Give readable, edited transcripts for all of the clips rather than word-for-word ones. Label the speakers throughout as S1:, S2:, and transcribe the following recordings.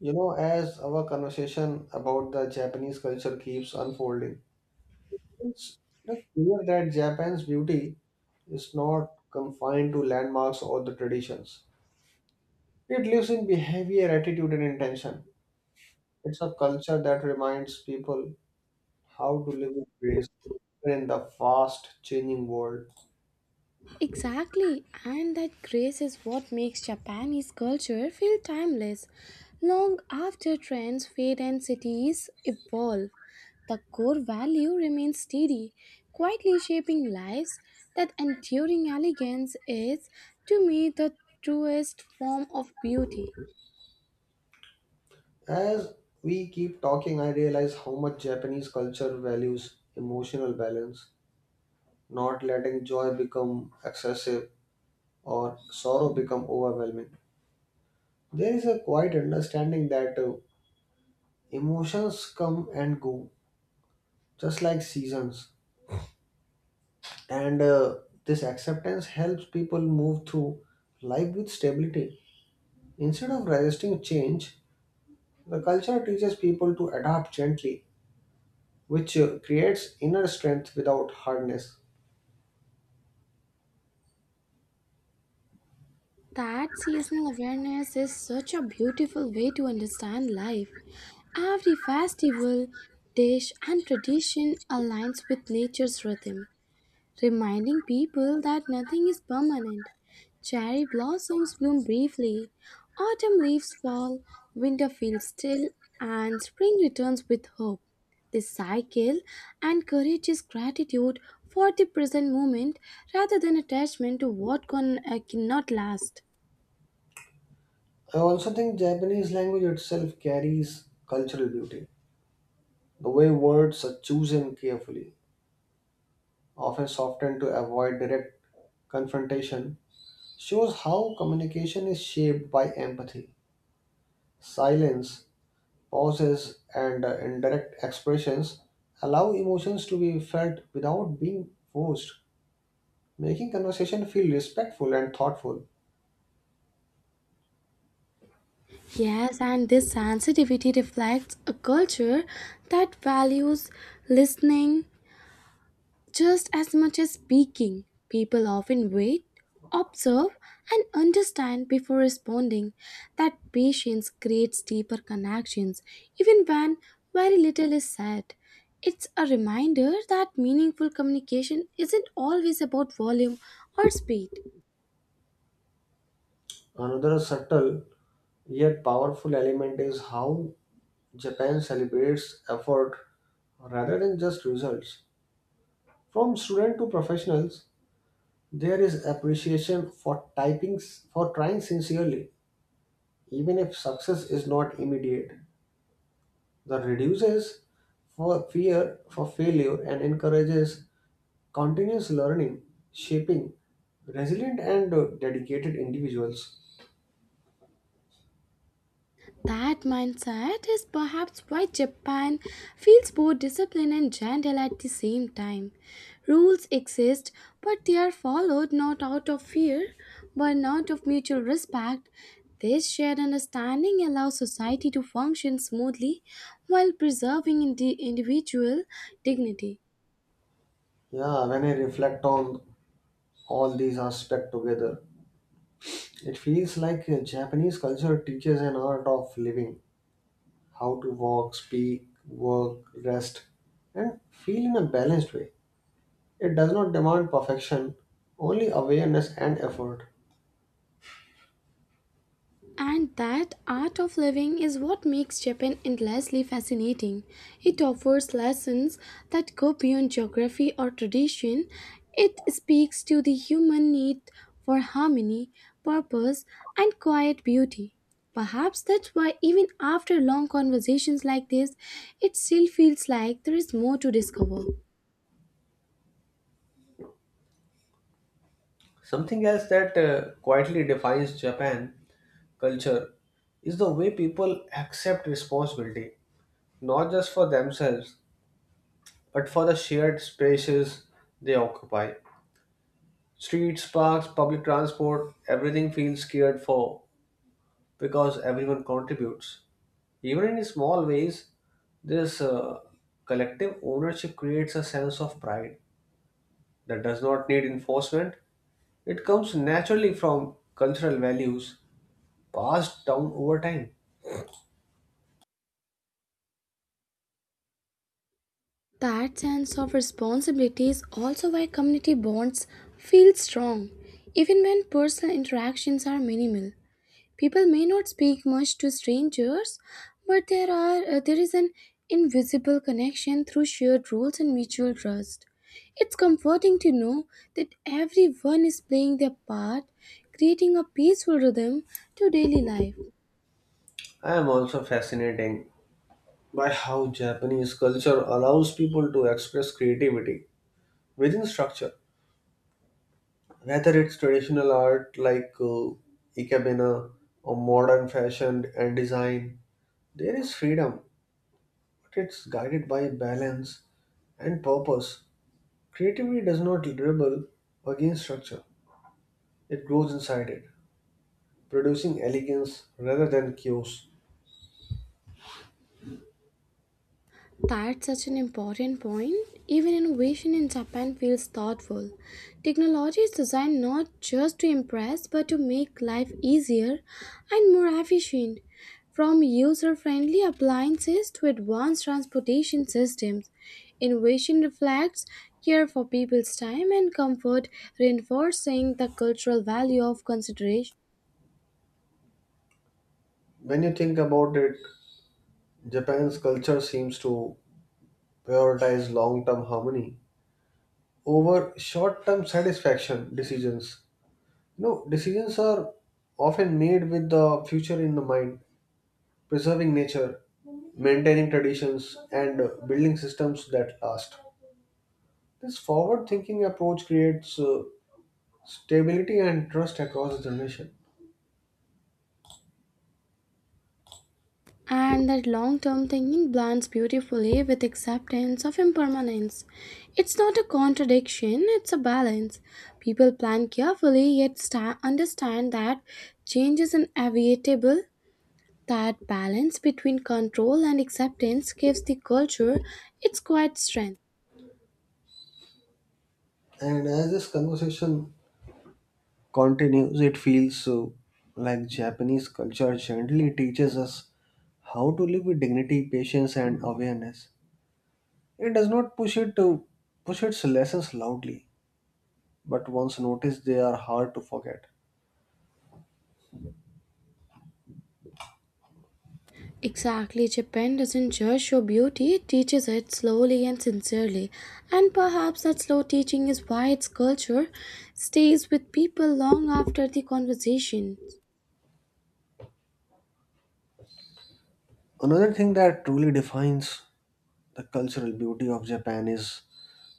S1: You know, as our conversation about the Japanese culture keeps unfolding, it's like clear that Japan's beauty is not confined to landmarks or the traditions. It lives in behavior, attitude, and intention. It's a culture that reminds people how to live with grace in the fast changing world.
S2: Exactly, and that grace is what makes Japanese culture feel timeless. Long after trends fade and cities evolve, the core value remains steady, quietly shaping lives. That enduring elegance is, to me, the truest form of beauty.
S1: As we keep talking, I realize how much Japanese culture values emotional balance, not letting joy become excessive or sorrow become overwhelming. There is a quiet understanding that emotions come and go, just like seasons. And this acceptance helps people move through life with stability. Instead of resisting change, the culture teaches people to adapt gently, which creates inner strength without hardness.
S2: That seasonal awareness is such a beautiful way to understand life. Every festival, dish, and tradition aligns with nature's rhythm, reminding people that nothing is permanent. Cherry blossoms bloom briefly, autumn leaves fall, winter feels still, and spring returns with hope. This cycle encourages gratitude for the present moment rather than attachment to what cannot last.
S1: I also think Japanese language itself carries cultural beauty. The way words are chosen carefully, often softened to avoid direct confrontation, shows how communication is shaped by empathy. Silence, pauses, and indirect expressions allow emotions to be felt without being forced, making conversation feel respectful and thoughtful.
S2: Yes, and this sensitivity reflects a culture that values listening. Just as much as speaking, people often wait, observe, and understand before responding. That patience creates deeper connections, even when very little is said. It's a reminder that meaningful communication isn't always about volume or speed.
S1: Another subtle yet powerful element is how Japan celebrates effort rather than just results. From student to professionals, there is appreciation for typing for trying sincerely, even if success is not immediate. That reduces for fear for failure and encourages continuous learning, shaping resilient and dedicated individuals.
S2: That mindset is perhaps why Japan feels both disciplined and gentle at the same time. Rules exist, but they are followed not out of fear, but not of mutual respect. This shared understanding allows society to function smoothly while preserving individual dignity.
S1: Yeah, when I reflect on all these aspects together, it feels like Japanese culture teaches an art of living, how to walk, speak, work, rest, and feel in a balanced way. It does not demand perfection, only awareness and effort.
S2: And that art of living is what makes Japan endlessly fascinating. It offers lessons that go beyond geography or tradition. It speaks to the human need for harmony, purpose, and quiet beauty. Perhaps that's why, even after long conversations like this, it still feels like there is more to discover.
S1: Something else that quietly defines Japan culture is the way people accept responsibility, not just for themselves, but for the shared spaces they occupy. Streets, parks, public transport, everything feels cared for because everyone contributes. Even in small ways, this collective ownership creates a sense of pride that does not need enforcement. It comes naturally from cultural values passed down over time.
S2: That sense of responsibility is also why community bonds feel strong, even when personal interactions are minimal. People may not speak much to strangers, but there is an invisible connection through shared rules and mutual trust. It's comforting to know that everyone is playing their part, creating a peaceful rhythm to daily life.
S1: I am also fascinated by how Japanese culture allows people to express creativity within structure, whether it's traditional art like ikebana or modern fashion and design. There is freedom, but it's guided by balance and purpose. Creativity does not rebel against structure; it grows inside it, producing elegance rather than chaos.
S2: That's such an important point. Even innovation in Japan feels thoughtful. Technology is designed not just to impress but to make life easier and more efficient. From user friendly appliances to advanced transportation systems, innovation reflects care for people's time and comfort, reinforcing the cultural value of consideration.
S1: When you think about it, Japan's culture seems to prioritize long term harmony over short term satisfaction decisions. You know, decisions are often made with the future in the mind, preserving nature, maintaining traditions, and building systems that last. This forward thinking approach creates stability and trust across the generation.
S2: And that long term thinking blends beautifully with acceptance of impermanence. It's not a contradiction, it's a balance. People plan carefully yet understand that change is inevitable. That balance between control and acceptance gives the culture its quiet strength.
S1: And as this conversation continues, it feels so like Japanese culture gently teaches us how to live with dignity, patience, and awareness. It does not push it to push its lessons loudly, but once noticed, they are hard to forget.
S2: Exactly, Japan doesn't just show beauty, it teaches it slowly and sincerely. And perhaps that slow teaching is why its culture stays with people long after the conversation.
S1: Another thing that truly defines the cultural beauty of Japan is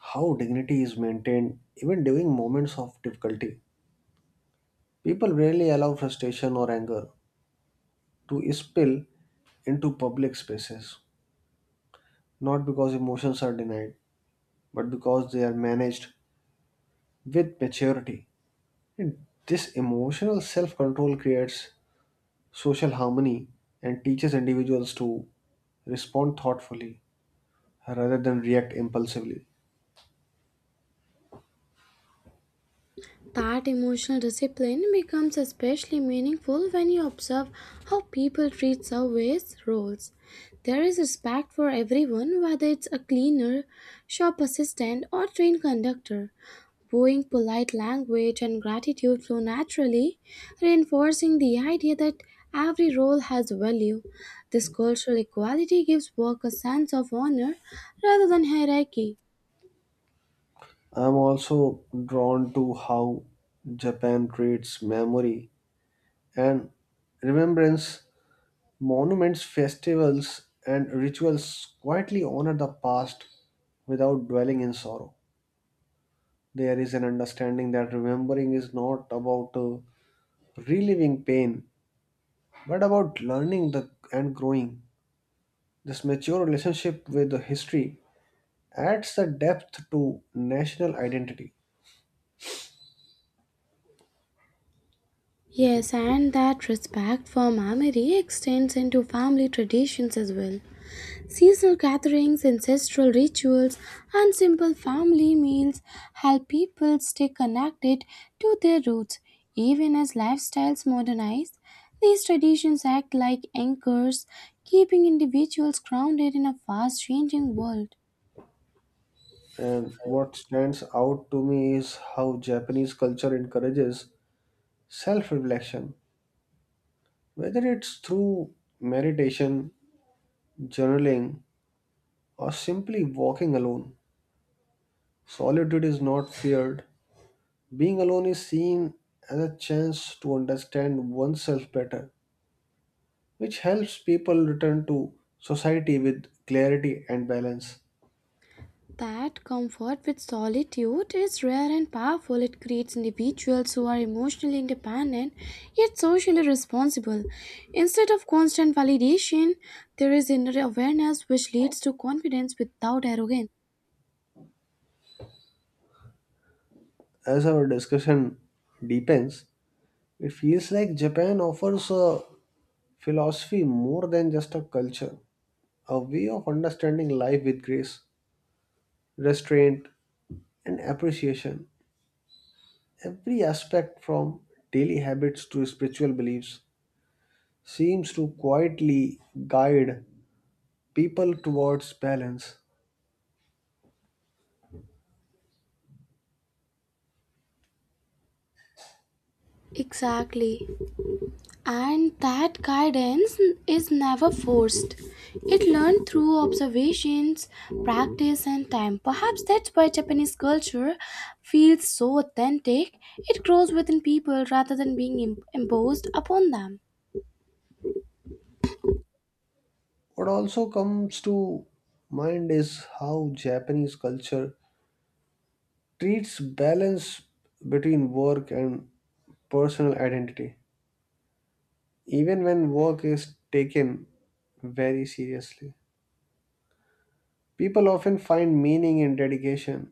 S1: how dignity is maintained even during moments of difficulty. People rarely allow frustration or anger to spill into public spaces, not because emotions are denied but because they are managed with maturity. And this emotional self control creates social harmony and teaches individuals to respond thoughtfully rather than react impulsively.
S2: That emotional discipline becomes especially meaningful when you observe how people treat service roles. There is respect for everyone, whether it's a cleaner, shop assistant, or train conductor. Bowing, polite language, and gratitude flow naturally, reinforcing the idea that every role has value. This cultural equality gives work a sense of honor rather than hierarchy.
S1: I'm also drawn to how Japan treats memory and remembrance. Monuments, festivals, and rituals quietly honor the past without dwelling in sorrow. There is an understanding that remembering is not about reliving pain. What about learning the and growing? This mature relationship with the history adds the depth to national identity.
S2: Yes, and that respect for memory extends into family traditions as well. Seasonal gatherings, ancestral rituals, and simple family meals help people stay connected to their roots. Even as lifestyles modernize, these traditions act like anchors, keeping individuals grounded in a fast changing world.
S1: And what stands out to me is how Japanese culture encourages self-reflection, whether it's through meditation, journaling, or simply walking alone. Solitude is not feared. Being alone is seen as a chance to understand oneself better, which helps people return to society with clarity and balance.
S2: That comfort with solitude is rare and powerful. It creates individuals who are emotionally independent yet socially responsible. Instead of constant validation, there is inner awareness which leads to confidence without arrogance.
S1: As our discussion deepens, it feels like Japan offers a philosophy more than just a culture, a way of understanding life with grace, restraint, and appreciation. Every aspect from daily habits to spiritual beliefs seems to quietly guide people towards balance.
S2: Exactly. And that guidance is never forced. It learned through observations, practice, and time. Perhaps that's why Japanese culture feels so authentic. It grows within people rather than being imposed upon them.
S1: What also comes to mind is how Japanese culture treats balance between work and personal identity, even when work is taken very seriously. People often find meaning in dedication,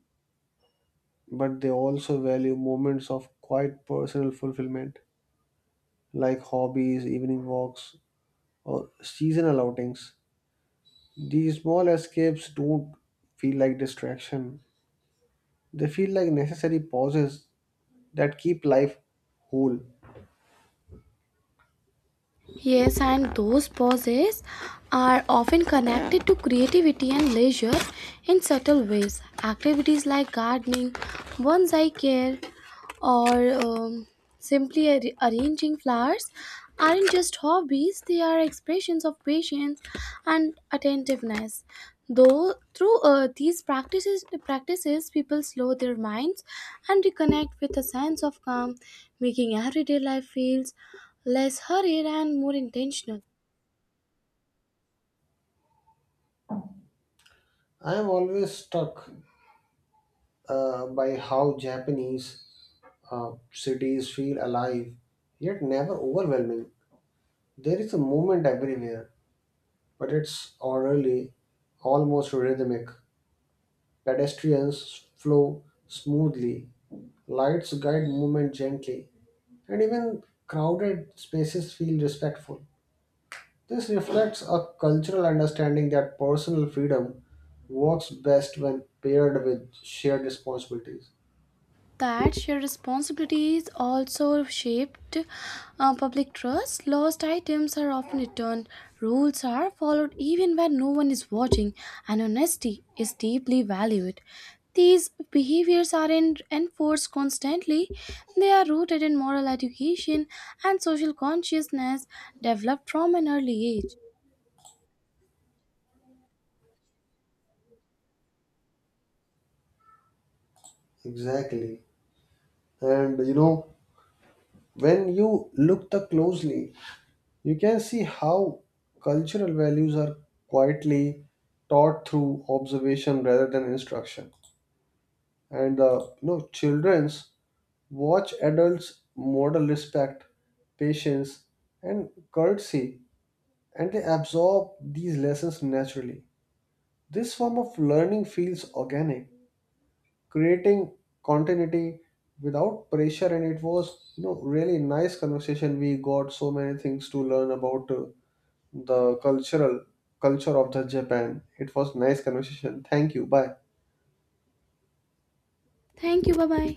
S1: but they also value moments of quiet personal fulfillment, like hobbies, evening walks, or seasonal outings. These small escapes don't feel like distraction, they feel like necessary pauses that keep life whole.
S2: Yes, and those pauses are often connected to creativity and leisure in subtle ways. Activities like gardening, bonsai care, or simply arranging flowers aren't just hobbies, they are expressions of patience and attentiveness. Though through these practices, people slow their minds and reconnect with a sense of calm, making everyday life feels less hurried and more intentional.
S1: I am always struck by how Japanese cities feel alive, yet never overwhelming. There is a movement everywhere, but it's orderly, almost rhythmic. Pedestrians flow smoothly, lights guide movement gently, and even crowded spaces feel respectful. This reflects a cultural understanding that personal freedom works best when paired with shared responsibilities.
S2: That your responsibilities also shaped public trust. Lost items are often returned, rules are followed even when no one is watching, and honesty is deeply valued. These behaviors aren't enforced constantly, they are rooted in moral education and social consciousness developed from an early age.
S1: Exactly. And you know, when you look the closely, you can see how cultural values are quietly taught through observation rather than instruction. And children's watch adults model respect, patience, and courtesy, and they absorb these lessons naturally. This form of learning feels organic, creating continuity without pressure, and it was you know really nice conversation. We got so many things to learn about the cultural culture of the Japan. It was nice conversation. Thank you. Bye.
S2: Thank you, bye bye.